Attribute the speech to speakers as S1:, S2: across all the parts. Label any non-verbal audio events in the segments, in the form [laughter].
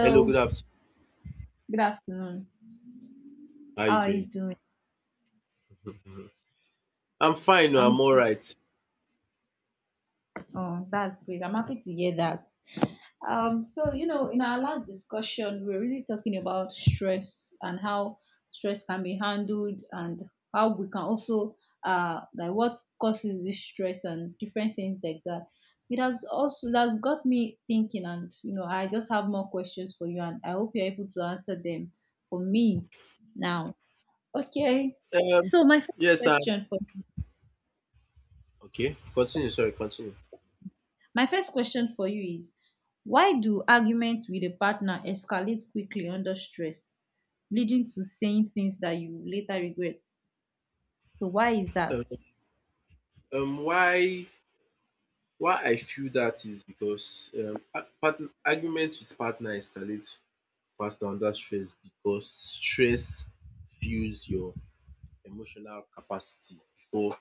S1: Hello, good afternoon.
S2: good afternoon.
S1: How are
S2: How are you
S1: you
S2: doing?
S1: doing? [laughs] I'm fine. No,
S2: I'm
S1: I'm all right.
S2: Oh, that's great. I'm happy to hear that. In our last discussion, we were really talking about stress and how stress can be handled and how we can also like what causes this stress and different things like that. It has got me thinking and I just have more questions for you and I hope you're able to answer them for me now. Okay.
S1: Um,
S2: So my first
S1: yes, sir.
S2: question for
S1: Okay, continue. Sorry, continue.
S2: My first question for you is why do arguments with a partner escalate quickly under stress, leading to saying things that you later regret? So why is that?
S1: Um, um, why why I feel that is because arguments with partner escalate faster under stress because stress fuels your emotional capacity before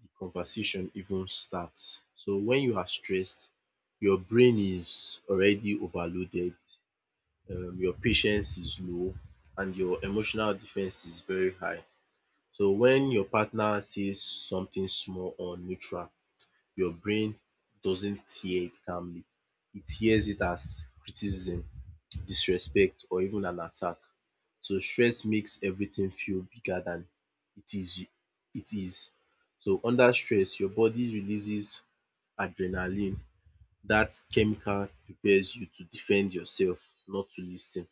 S1: the conversation even starts. So when you are stressed, your brain is already overloaded, your patience is low, and your emotional defense is very high. So when your partner says something small or neutral, your brain doesn't hear it calmly. It hears it as criticism, disrespect, or even an attack. So stress makes everything feel bigger than it is it is. So under stress, your body releases adrenaline. That chemical prepares you to defend yourself, not to lis ten.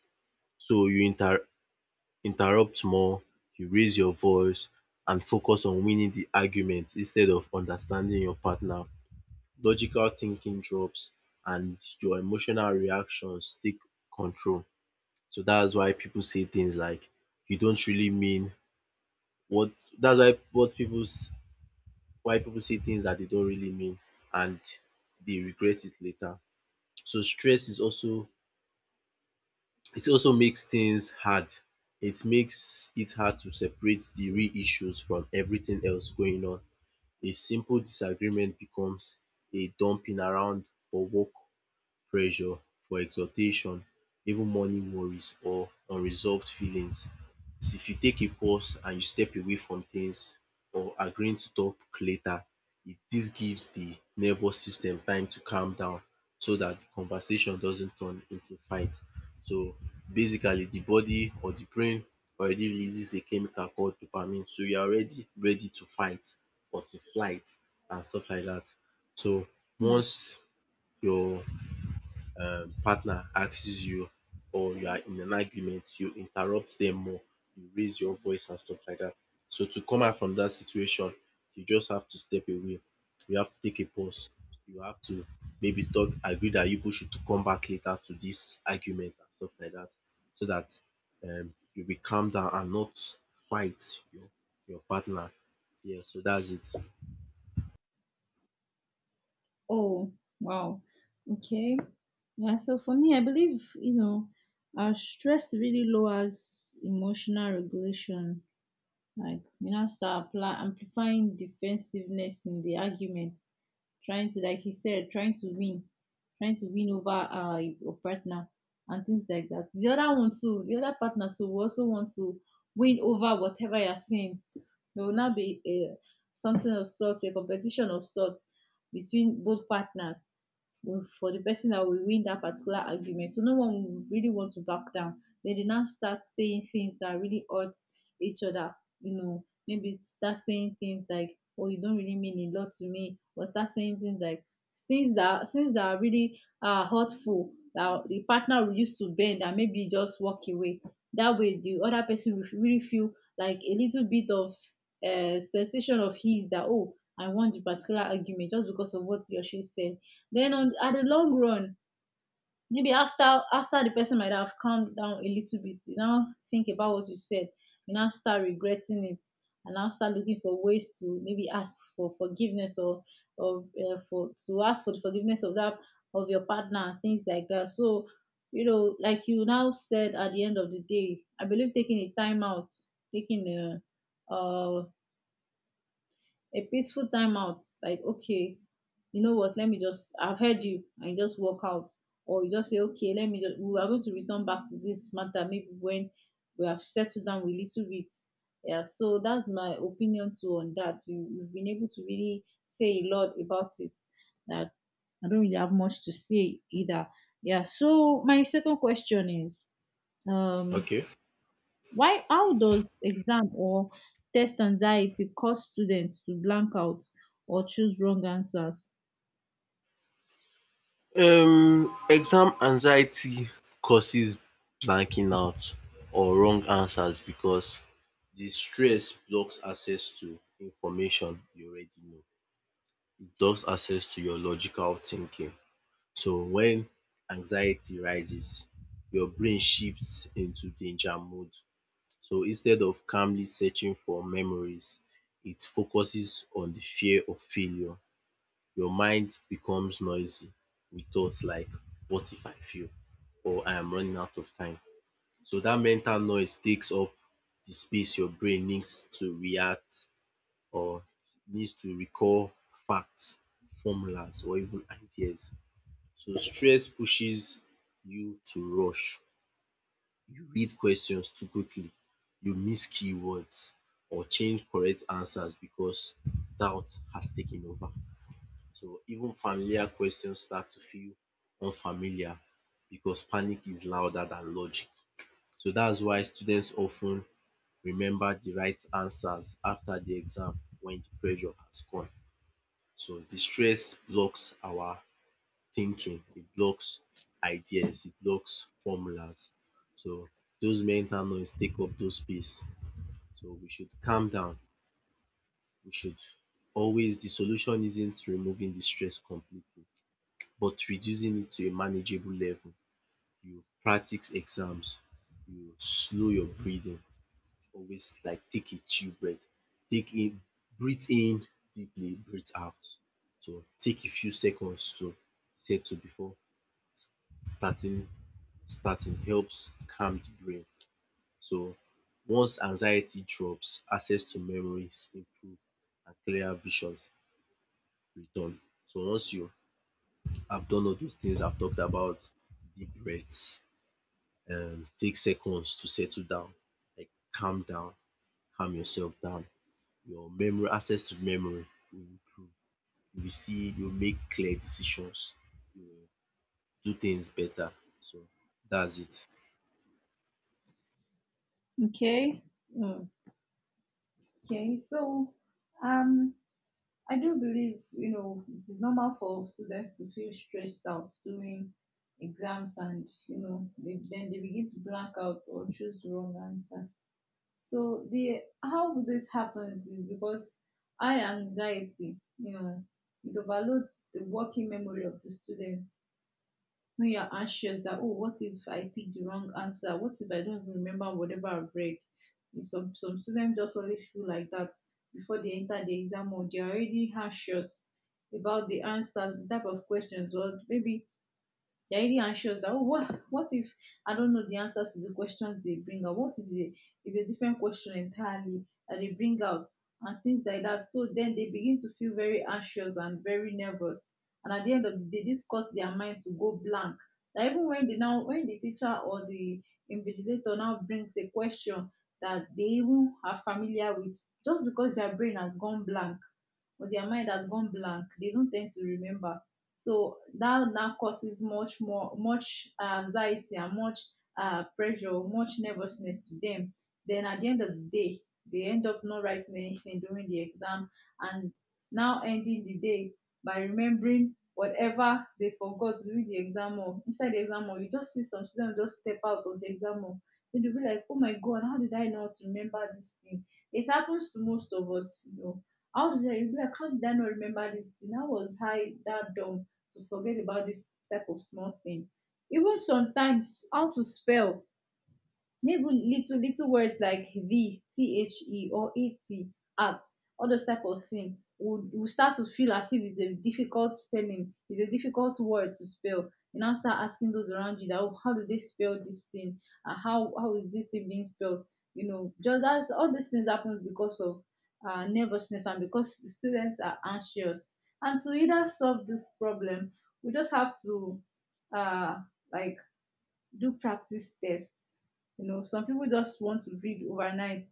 S1: So you interrupt more, you raise your voice, and focus on winning the argument instead of understanding your partner. Logical thinking drops and your emotional reactions take control. So that's why people say things like, "You don't really mean what that's why what people s- why people say things that they don't really mean," and they regret it later. So stress is also It also makes things hard. It makes it hard to separate the real issues from everything else going on. A simple disagreement becomes a dumping around for work pressure, for exhortation, even morning worries or unresolved feelings. Is if you take a pause and you step away from things or agreeing to talk later, it this gives the nervous system time to calm down so that the conversation doesn't turn into fight. So basically the body or the brain already releases a chemical called dopamine. So you are already ready to fight or to flight and stuff like that. So
S2: Hmm.
S1: once your partner asks you or you are in an argument, you interrupt them more, you raise your voice and stuff like that. So to come out from that situation, you just have to step away. You have to take a pause. You have to maybe talk, agree that you push it to come back later to this argument and stuff like that, so that you will calm down and not fight your your partner. Yeah, so that's it.
S2: Oh, wow. Okay. Yeah, so for me, I believe, stress really lowers emotional regulation. Like you now start apply amplifying defensiveness in the argument, trying to like he said, trying to win over your partner and things like that. The other partner too will also want to win over whatever you're saying. It will now be a something of sorts, a competition of sorts between both partners for the person that will win that particular argument. So no one will really want to back down. They did not start saying things that really hurt each other. You know, maybe start saying things like, "Oh, you don't really mean a lot to me," or start saying things like things that are really hurtful that the partner will use to bend and maybe just walk away. That way, the other person will really feel like a little bit of sensation of his that oh, I want the particular argument just because of what he or she said. Then on at the long run, maybe after the person might have calmed down a little bit, you now think about what you said, you now start regretting it, and now start looking for ways to maybe ask for forgiveness or for to ask for the forgiveness of that of your partner and things like that. So you know, like you now said, at the end of the day, I believe taking a time out, taking uh, a peaceful time out, like okay, you know what, let me just, I've heard you, and you just walk out, or you just say, okay, let me just, we are going to return back to this matter maybe when we have settled down a little bit. Yeah, so that's my opinion too on that. You, you've been able to really say a lot about it that I don't really have much to say either. Yeah, so my second question is, um
S1: Okay.
S2: why, how does exam or test anxiety cause students to blank out or choose wrong answers?
S1: Exam anxiety causes blanking out or wrong answers because the stress blocks access to information you already know. It blocks access to your logical thinking. So when anxiety rises, your brain shifts into danger mode. So instead of calmly searching for memories, it focuses on the fear of failure. Your mind becomes noisy with thoughts like, "What if I fail?" or "I am running out of time." So that mental noise takes up the space your brain needs to react or needs to recall facts, formulas, or even ideas. So stress pushes you to rush. You read questions too quickly, you miss keywords, or change correct answers because doubt has taken over. So even familiar questions start to feel unfamiliar because panic is louder than logic. So that's why students often remember the right answers after the exam when the pressure has gone. So the stress blocks our thinking, it blocks ideas, it blocks formulas. So those mental noise take up those space. So we should calm down. We should always The solution isn't removing the stress completely but reducing it to a manageable level. You practice exams, you slow your breathing, always like take a chill breath, take in breathe in deeply, breathe out. So take a few seconds to settle before starting. Starting helps calm the brain. So once anxiety drops, access to memories improve and clearer visions return. So once you have done all those things I've talked about, deep breaths. Take seconds to settle down, like calm down, calm yourself down. Your memory, access to memory, will improve. You will see, you will make clear decisions. You will do things better. So that's it.
S2: Okay. Mm. Okay, so um, I do believe, you know, it is normal for students to feel stressed out during exams and, you know, then they begin to blank out or choose the wrong answers. So the how this happens is because high anxiety, you know, it overloads the working memory of the student when you're anxious that oh, what if I pick the wrong answer, what if I don't even remember whatever I've read. And some students just always feel like that before they enter the exam, or they're already anxious about the answers, the type of questions, or maybe daily shows that oh, what if I don't know the answers to the questions they bring out? What if they, it's a different question entirely that they bring out and things like that? So then they begin to feel very anxious and very nervous. And at the end of the day, this causes their mind to go blank. That even when they now, when the teacher or the invigilator now brings a question that they even are familiar with, just because their brain has gone blank or their mind has gone blank, they don't tend to remember. So that now causes much anxiety and much pressure, much nervousness to them. Then at the end of the day, they end up not writing anything during the exam and now ending the day by remembering whatever they forgot during the exam hall. Inside the exam hall, you just see some students just step out of the exam hall. Then they'll be like, oh my God, how did I not remember this thing? It happens to most of us, you know. You'll be like, how did I not remember this thing? How was I that dumb to forget about this type of small thing? Even sometimes how to spell maybe little little words like V, the or et at all those type of thing would will start to feel as if it's a difficult spelling, it's a difficult word to spell. You now start asking those around you that oh, how do they spell this thing? How how is this thing being spelled? You know, just that's all these things happen because of nervousness and because the students are anxious. And to either solve this problem, we just have to uh, like do practice tests. You know, some people just want to read overnight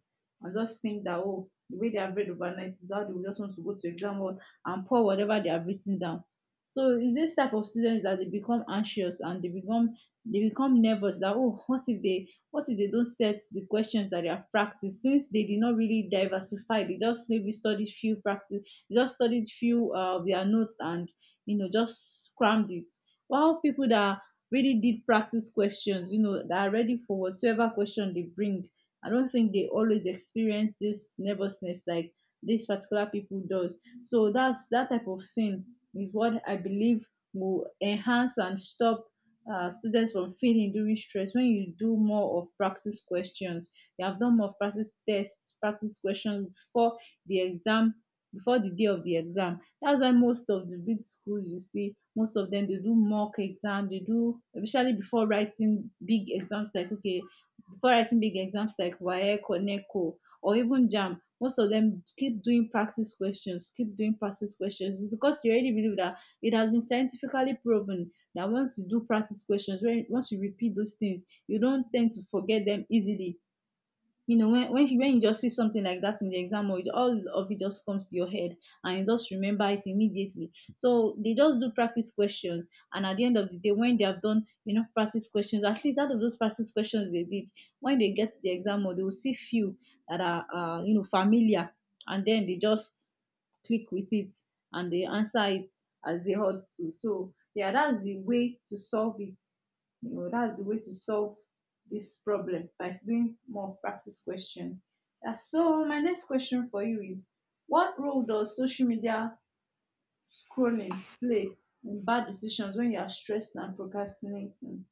S2: and just think that, oh, the way they have read overnight is how they will just want to go to exam hall and pour whatever they have written down. So it's this type of students that they become nervous that oh, what if they, what if they don't set the questions that they have practiced, since they did not really diversify, they just maybe studied few practice they just studied few of their notes and you know just crammed it, while people that really did practice questions, you know, that are ready for whatsoever question they bring. I don't think they always experience this nervousness like this particular people does. So that's that type of thing is what I believe will enhance and stop students from feeling during stress when you do more of practice questions. You have done more of practice tests, practice questions before the exam, before the day of the exam. That's why most of the big schools you see, most of them they do mock exam. They do especially before writing big exams like okay Before writing big exams like WAEC or NECO or even JAMB, most of them keep doing practice questions, keep doing practice questions. It's because they already believe that it has been scientifically proven that once you do practice questions, when once you repeat those things, you don't tend to forget them easily. You know, when you just see something like that in the exam or it, all of it just comes to your head and you just remember it immediately. So they just do practice questions, and at the end of the day when they have done enough practice questions, at least out of those practice questions they did, when they get to the exam or, they will see few that are you know familiar, and then they just click with it and they answer it as they ought to. So yeah, that's the way to solve it, you know, that's the way to solve this problem, by doing more practice questions. Yeah, so my next question for you is what role does social media scrolling play in bad decisions when you are stressed and procrastinating?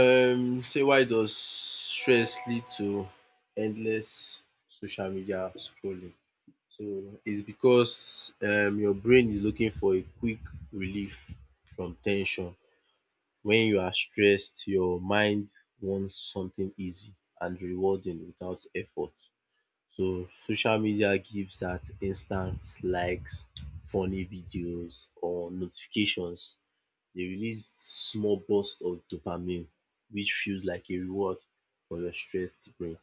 S1: Say, why does stress lead to endless social media scrolling? So it's because your brain is looking for a quick relief from ten sion. When you are stressed, your mind wants something easy and rewarding without effort. So social media gives that instant likes, funny videos, or notifications. They release small bursts of dopamine, which feels like a reward for your stressed brain.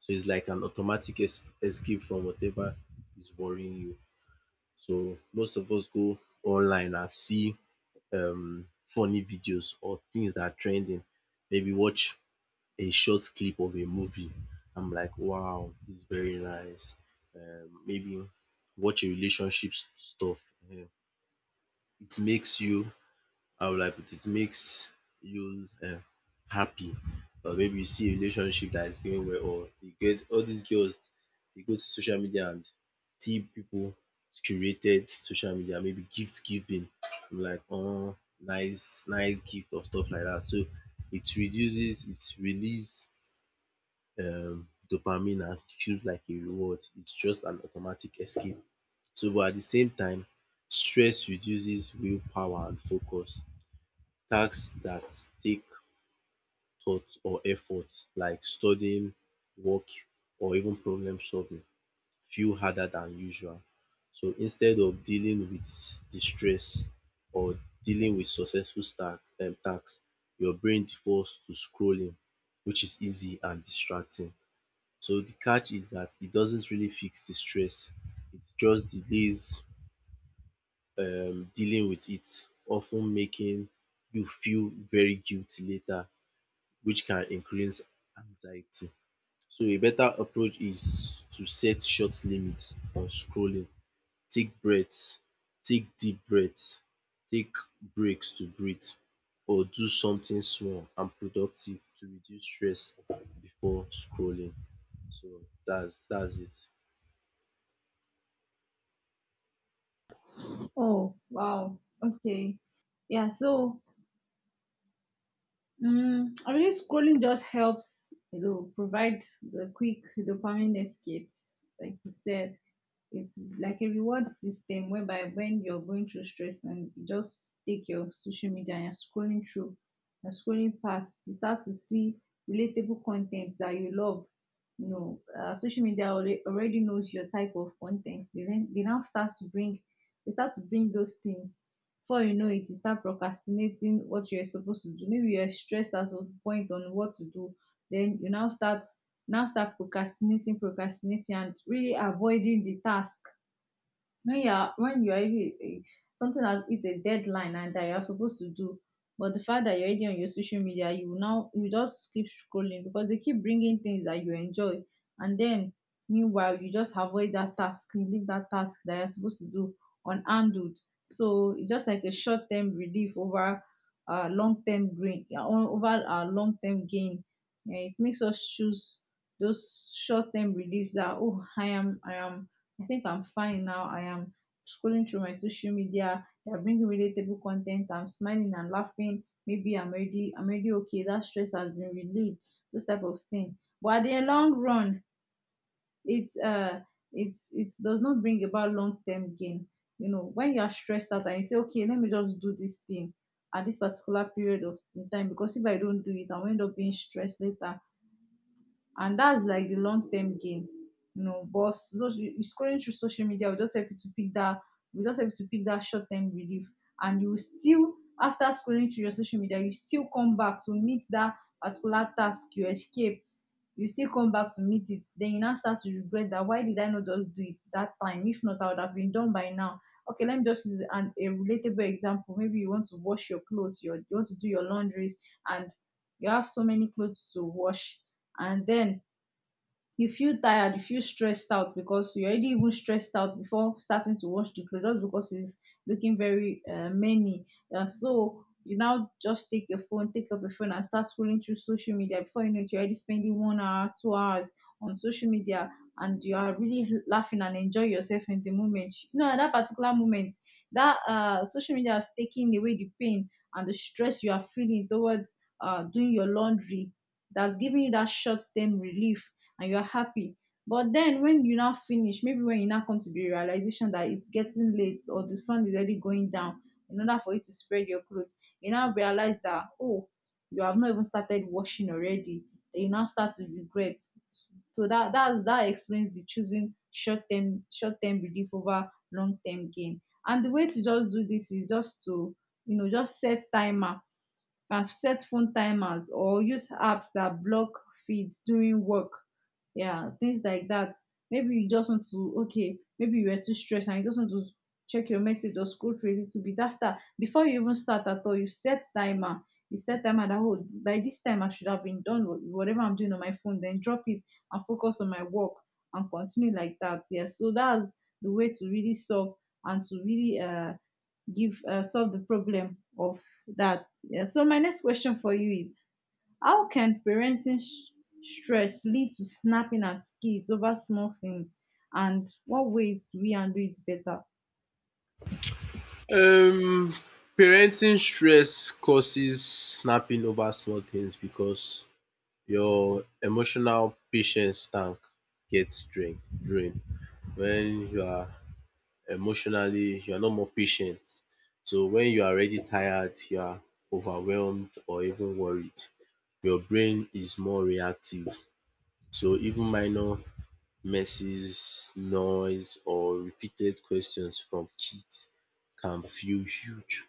S1: So it's like an automatic escape from whatever is worrying you. So most of us go online and see funny videos or things that are trending. Maybe watch a short clip of a movie. I'm like, wow, this is very nice. Maybe watch a relationship stuff. um It makes you, how will I put it, makes you happy, or maybe you see a relationship that is going well, or you get all these girls. They go to social media and see people curated social media, maybe gift giving, like, oh, nice, nice gift or stuff like that. So it reduces, it release dopamine and feels like a reward. It's just an automatic escape. So but at the same time, stress reduces willpower and focus. Tasks that take thought or effort, like studying, work, or even problem solving, feel harder than usual. So instead of dealing with the stress or dealing with successful stack tasks, your brain defaults to scrolling, which is easy and distracting. So the catch is that it doesn't really fix the stress. It just delays dealing with it, often making you feel very guilty later, which can increase anxiety. So a better approach is to set short limits on scrolling. Take breaths, take deep breaths, take breaks to breathe, or do something small and productive to reduce stress before scrolling. So that's it.
S2: Oh, wow. Okay. Yeah, so I mean, scrolling just helps, you know, provide the quick dopamine escapes, like you said. It's like a reward system whereby when you're going through stress and you just take your social media and you're scrolling past, you start to see relatable contents that you love. You know, social media already knows your type of contents. They now start to bring they start to bring those things. Before you know it, you start procrastinating what you're supposed to do. Maybe you're stressed at some point on what to do. Then you now start procrastinating and really avoiding the task when you are already something as is a deadline and that you are supposed to do, but the fact that you're already on your social media, you now you just keep scrolling because they keep bringing things that you enjoy, and then meanwhile you just avoid that task, you leave that task that you're supposed to do unhandled. So it's just like a short-term relief over long-term gain. Yeah, over long-term gain. Yeah, it makes us choose those short-term reliefs that I am, I think I'm fine now. I am scrolling through my social media. They are bringing relatable content. I'm smiling and laughing. Maybe I'm already okay. That stress has been relieved. Those type of thing. But at the long run, it's uh, it's it does not bring about long term gain. You know, when you are stressed out and you say, okay, let me just do this thing at this particular period of in time, because if I don't do it, I'll end up being stressed later, and that's like the long term gain. You know, but those you scrolling through social media will just help you to pick that will just help you to pick that short term relief. And you will still, after scrolling through your social media, you still come back to meet that particular task you escaped. You still come back to meet it, then you now start to regret that, why did I not just do it that time? If not, I would have been done by now. Okay, let me just use an a relatable example. Maybe you want to wash your clothes, your, you want to do your laundries, and you have so many clothes to wash. And then you feel tired, you feel stressed out, because you're already even stressed out before starting to wash the clothes, just because it's looking very many. So you now just take your phone, take up your phone and start scrolling through social media. Before you know it, you're already spending 1 hour, 2 hours on social media. And you are really laughing and enjoy yourself in the moment, you know, at that particular moment that social media is taking away the pain and the stress you are feeling towards doing your laundry. That's giving you that short-term relief and you're happy. But then when you now finish, maybe when you now come to the realization that it's getting late or the sun is already going down, in order for you to spread your clothes, you now realize that, oh, you have not even started washing already. Then you now start to regret. So that that explains the choosing short term, short term relief over long term gain. And the way to just do this is just to, you know, just set timer. I've set phone timers or use apps that block feeds during work. Yeah, things like that. Maybe you just want to, okay, maybe you were too stressed and you just want to check your message or scroll through a little bit after. Before you even start at all, you set timer. You set timer that, oh, by this time, I should have been done with whatever I'm doing on my phone. Then drop it and focus on my work and continue like that. Yeah, so that's the way to really solve and to really give solve the problem of that. Yeah. So my next question for you is, how can stress lead to snapping at kids over small things and what ways do we handle it better?
S1: Um Parenting stress causes snapping over small things because your emotional patience tank gets drained. When you are emotionally, you are not more patient. So when you are already tired, you are overwhelmed or even worried, your brain is more reactive. So even minor messes, noise, or repeated questions from kids can feel huge.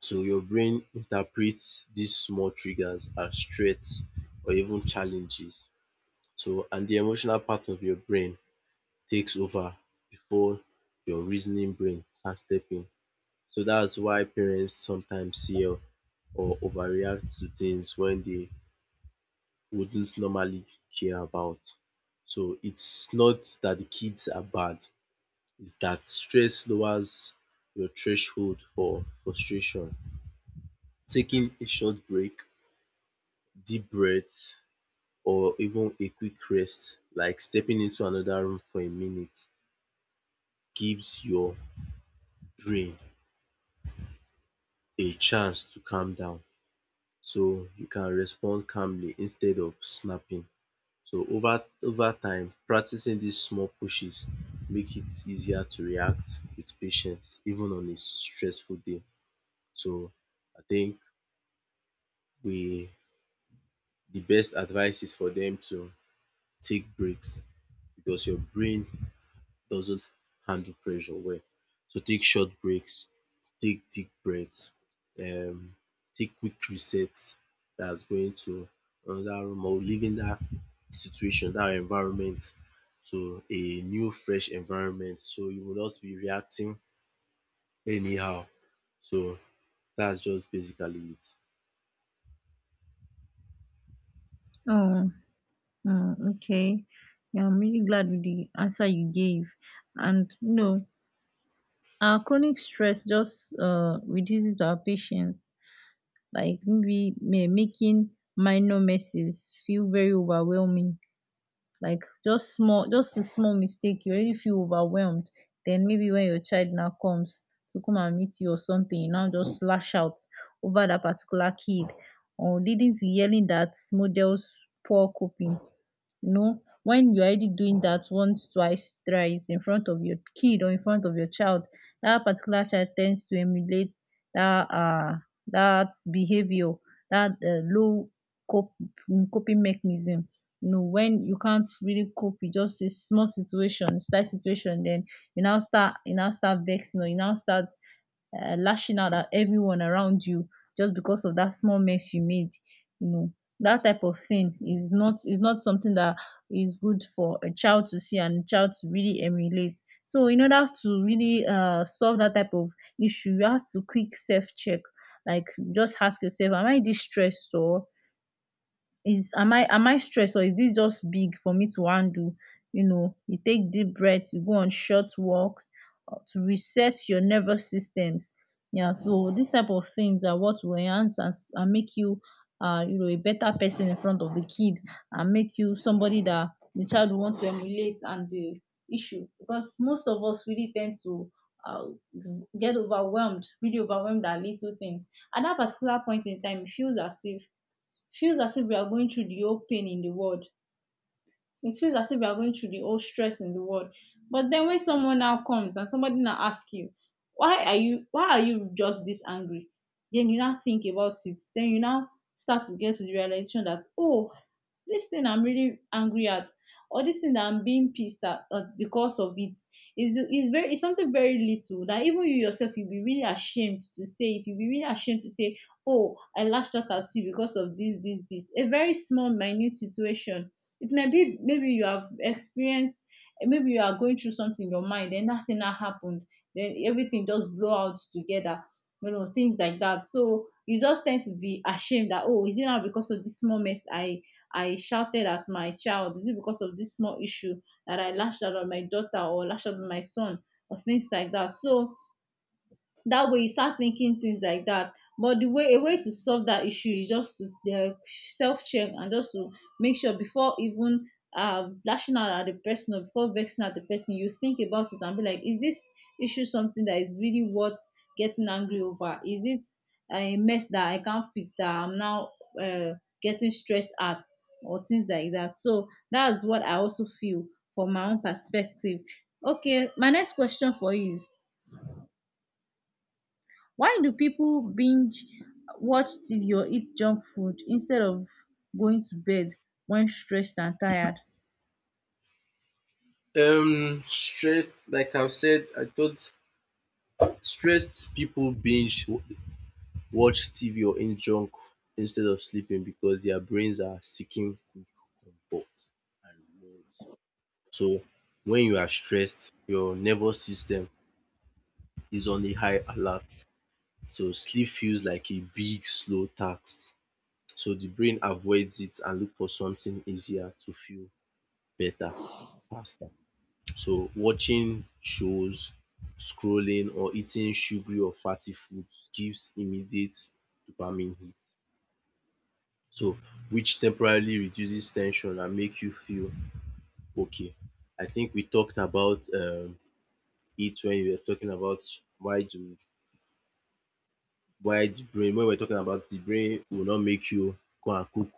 S1: So your brain interprets these small triggers as threats or even challenges. And the emotional part of your brain takes over before your reasoning brain can step in. So that's why parents sometimes yell or overreact to things when they wouldn't normally care about. So it's not that the kids are bad, it's that stress lowers your threshold for frustration. Taking a short break, deep breath, or even a quick rest, like stepping into another room for a minute, gives your brain a chance to calm down so you can respond calmly instead of snapping. So over time, practicing these small pushes make it easier to react with patience even on a stressful day. So I think we the best advice is for them to take breaks because your brain doesn't handle pressure well. So take short breaks, take deep breaths, um, take quick resets, that's going to another room or leaving that situation, that environment, to a new fresh environment. So you will not be reacting anyhow. So that's just basically it.
S2: Oh, mm, okay. Yeah, I'm really glad with the answer you gave. And you know, our chronic stress just reduces our patience. Like maybe making minor messes feel very overwhelming, like just small, just a small mistake, you already feel overwhelmed. Then maybe when your child now comes to come and meet you or something, you now just lash out over that particular kid, or leading to yelling that models poor coping. You know, when you're already doing that once, twice, thrice in front of your kid or in front of your child, that particular child tends to emulate that uh that behavior, that low cop- coping mechanism. You know, when you can't really cope with just a small situation, slight situation, then you now start vexing or you now start lashing out at everyone around you just because of that small mess you made. You know, that type of thing is not something that is good for a child to see and a child to really emulate. So in order to really solve that type of issue, you have to quick self check. Like, just ask yourself, am I distressed, or is am I stressed, or is this just big for me to handle? You know, you take deep breath, you go on short walks to reset your nervous systems. Yeah, so these type of things are what will enhance and make you you know a better person in front of the kid and make you somebody that the child will want to emulate and the issue, because most of us really tend to uh, get overwhelmed, really overwhelmed at little things. At that particular point in time, it feels as if, feels as if we are going through the whole pain in the world, it feels as if you are going through the whole stress in the world. But then when someone now comes and somebody now asks you, why are you, why are you just this angry? Then you now think about it. Then you now start to get to the realization that, oh, this thing I'm really angry at, or this thing that I'm being pissed at because of it, is very, is something very little that even you yourself you'll be really ashamed to say it. You'll be really ashamed to say, oh, I lashed out at you because of this, this, this. A very small, minute situation it may be, maybe you have experienced, maybe you are going through something in your mind, then that thing that happened, then everything just blow out together. You know, things like that. So you just tend to be ashamed that, oh, is it now because of this small mess I shouted at my child? Is it because of this small issue that I lashed out at my daughter or lashed out at my son, or things like that? So that way you start thinking things like that. But the way, a way to solve that issue is just to self-check, and just to make sure before even lashing out at the person or before vexing at the person, you think about it and be like, is this issue something that is really worth getting angry over? Is it a mess that I can't fix that I'm now uh, getting stressed at, or things like that? So that's what I also feel from my own perspective. Okay, my next question for you is, why do people binge watch TV or eat junk food instead of going to bed when stressed and tired?
S1: Stressed Like I've said, I thought stressed people binge watch TV or eat junk instead of sleeping because their brains are seeking quick comfort and rewards. So when you are stressed, your nervous system is on a high alert. So sleep feels like a big slow task. So the brain avoids it and look for something easier to feel better faster. So watching shows, scrolling, or eating sugary or fatty foods gives immediate dopamine hit. So which temporarily reduces tension and make you feel okay. I think we talked about it when we were talking about, why do why the brain, when we were talking about the brain will not make you go and cook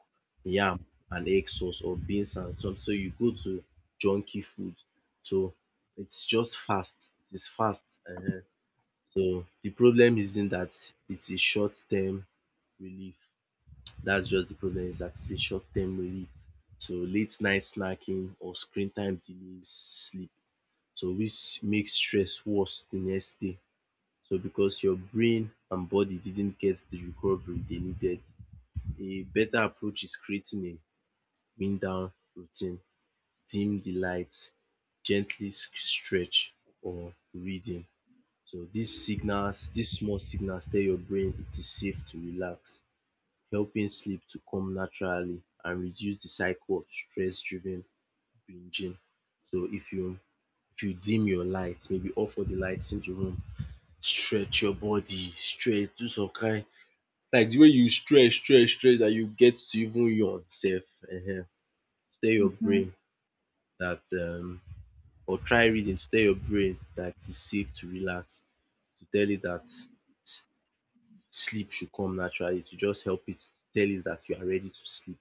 S1: yam and egg sauce or beans and some, so you go to junky food. So it's just fast, it is fast. So the problem isn't that it's a short term relief. That's just, the problem is that it's a short-term relief. So late night snacking or screen time delays sleep. So which makes stress worse the next day. So because your brain and body didn't get the recovery they needed. A better approach is creating a wind down routine. Dim the lights, gently stretch, or reading. So these signals, these small signals tell your brain it is safe to relax, helping sleep to come naturally and reduce the cycle of stress-driven binging. So if you dim your light, maybe off all the lights in the room, stretch your body, stretch, do some kind, like the way you stretch stretch stretch that you get to even yawn sef, um tell your
S2: Mhm.
S1: brain that, or try reading to tell your brain dat it's safe to relax, to tell it dat sleep should come naturally, to just help it, to tell it that you are ready to sleep.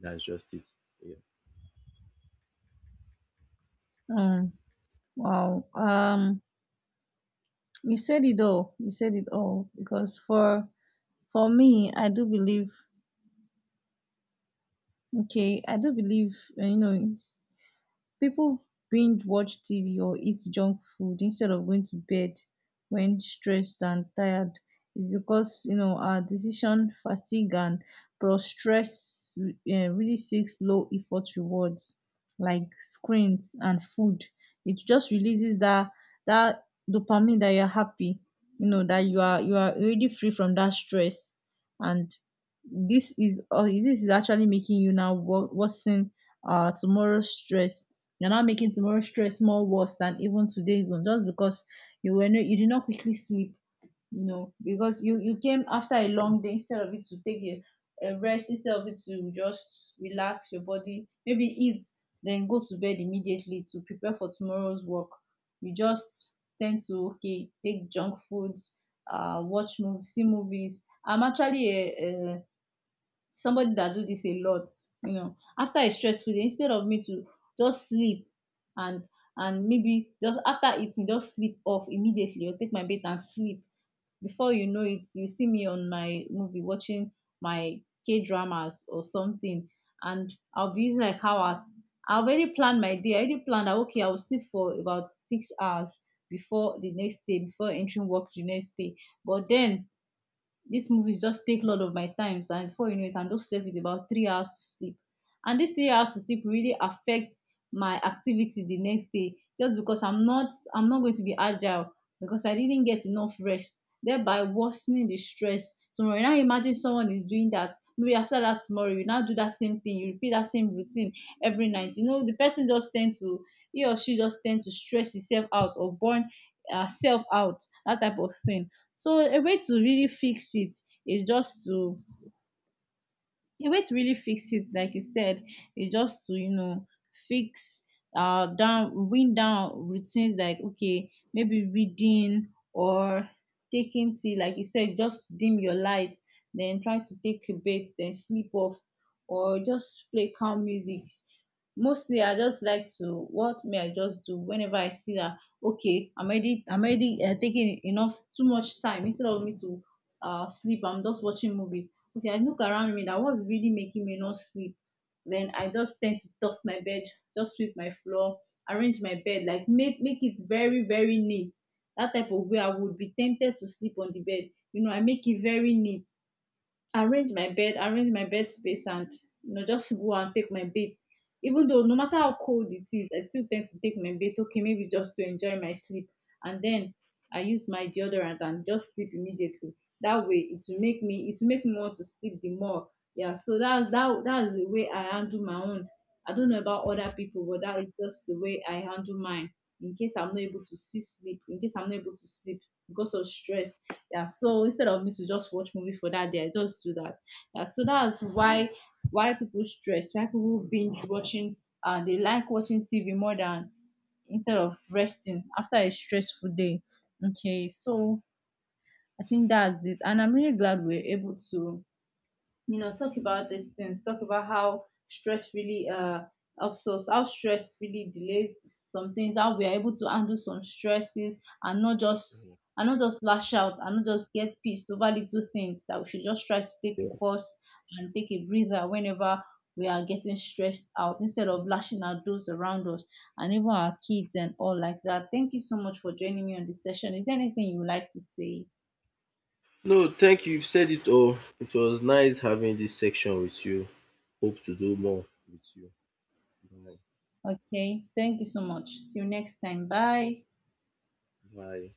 S1: That's just it. Yeah.
S2: Mm. Wow. You said it all. You said it all. Because for me, I do believe. Okay, I do believe. You know, people binge watch TV or eat junk food instead of going to bed when stressed and tired is because, you know, our decision fatigue and plus stress really seeks low effort rewards like screens and food. It just releases that dopamine that you're happy, you know, that you are already free from that stress. And this is, or this is actually making you now worsen tomorrow's stress. You're not making tomorrow's stress more worse than even today's one, just because you were, no, you did not quickly sleep, you know, because you came after a long day instead of it to take a rest, instead of it to just relax your body, maybe eat, then go to bed immediately to prepare for tomorrow's work. You just tend to, okay, take junk foods, watch movies, see movies. I'm actually a somebody that do this a lot. You know, after a stressful day, instead of me to just sleep and and maybe just after eating just sleep off immediately or take my bath and sleep, before you know it, you see me on my movie, watching my K dramas or something. And I'll be using like hours. I already planned my day, I already planned that, okay, I will sleep for about 6 hours before the next day, before entering work the next day. But then these movies just take a lot of my times, and before you know it, I'm just left with about 3 hours to sleep. And these 3 hours to sleep really affects my activity the next day, just because I'm not, I'm not going to be agile because I didn't get enough rest, thereby worsening the stress. So when I imagine someone is doing that, maybe after that tomorrow you now do that same thing, you repeat that same routine every night, you know, the person just tend to, he or she just tend to stress himself out or burn herself out, that type of thing. So a way to really fix it is just to, a way to really fix it, like you said, is just to, you know, fix down, bring down routines, like okay, maybe reading or taking tea, like you said, just dim your light, then try to take a bath, then sleep off, or just play calm music. Mostly, I just like to, what may I just do whenever I see that, okay, I'm already taking enough, too much time instead of me to sleep. I'm just watching movies. Okay, I look around me that what's really making me not sleep. Then I just tend to dust my bed, just sweep my floor, arrange my bed, like make it very very neat. That type of way I would be tempted to sleep on the bed. You know, I make it very neat, arrange my bed, arrange my bed space, and you know, just go and take my bath. Even though no matter how cold it is, I still tend to take my bath, okay, maybe just to enjoy my sleep. And then I use my deodorant and just sleep immediately. That way it will make me, it will make me want to sleep the more. Yeah, so that's that's the way I handle my own. I don't know about other people, but that is just the way I handle mine, in case I'm not able to see sleep, in case I'm not able to sleep because of stress. Yeah, so instead of me to just watch movie for that day, I just do that. Yeah, so that's why people stress, why people binge watching, they like watching TV more than, instead of resting after a stressful day. Okay, so I think that's it, and I'm really glad we're able to, you know, talk about these things, talk about how stress really helps us, how stress really delays some things, how we are able to handle some stresses, and not just, and not just lash out and not just get pissed over little things, that we should just try to take a pause and take a breather whenever we are getting stressed out instead of lashing out those around us and even our kids and all like that. Thank you so much for joining me on this session. Is there anything you would like to say?
S1: No, thank you. You've said it all. It was nice having this section with you. Hope to do more with you. Bye.
S2: Okay, thank you so much, till next time, bye.
S1: Bye.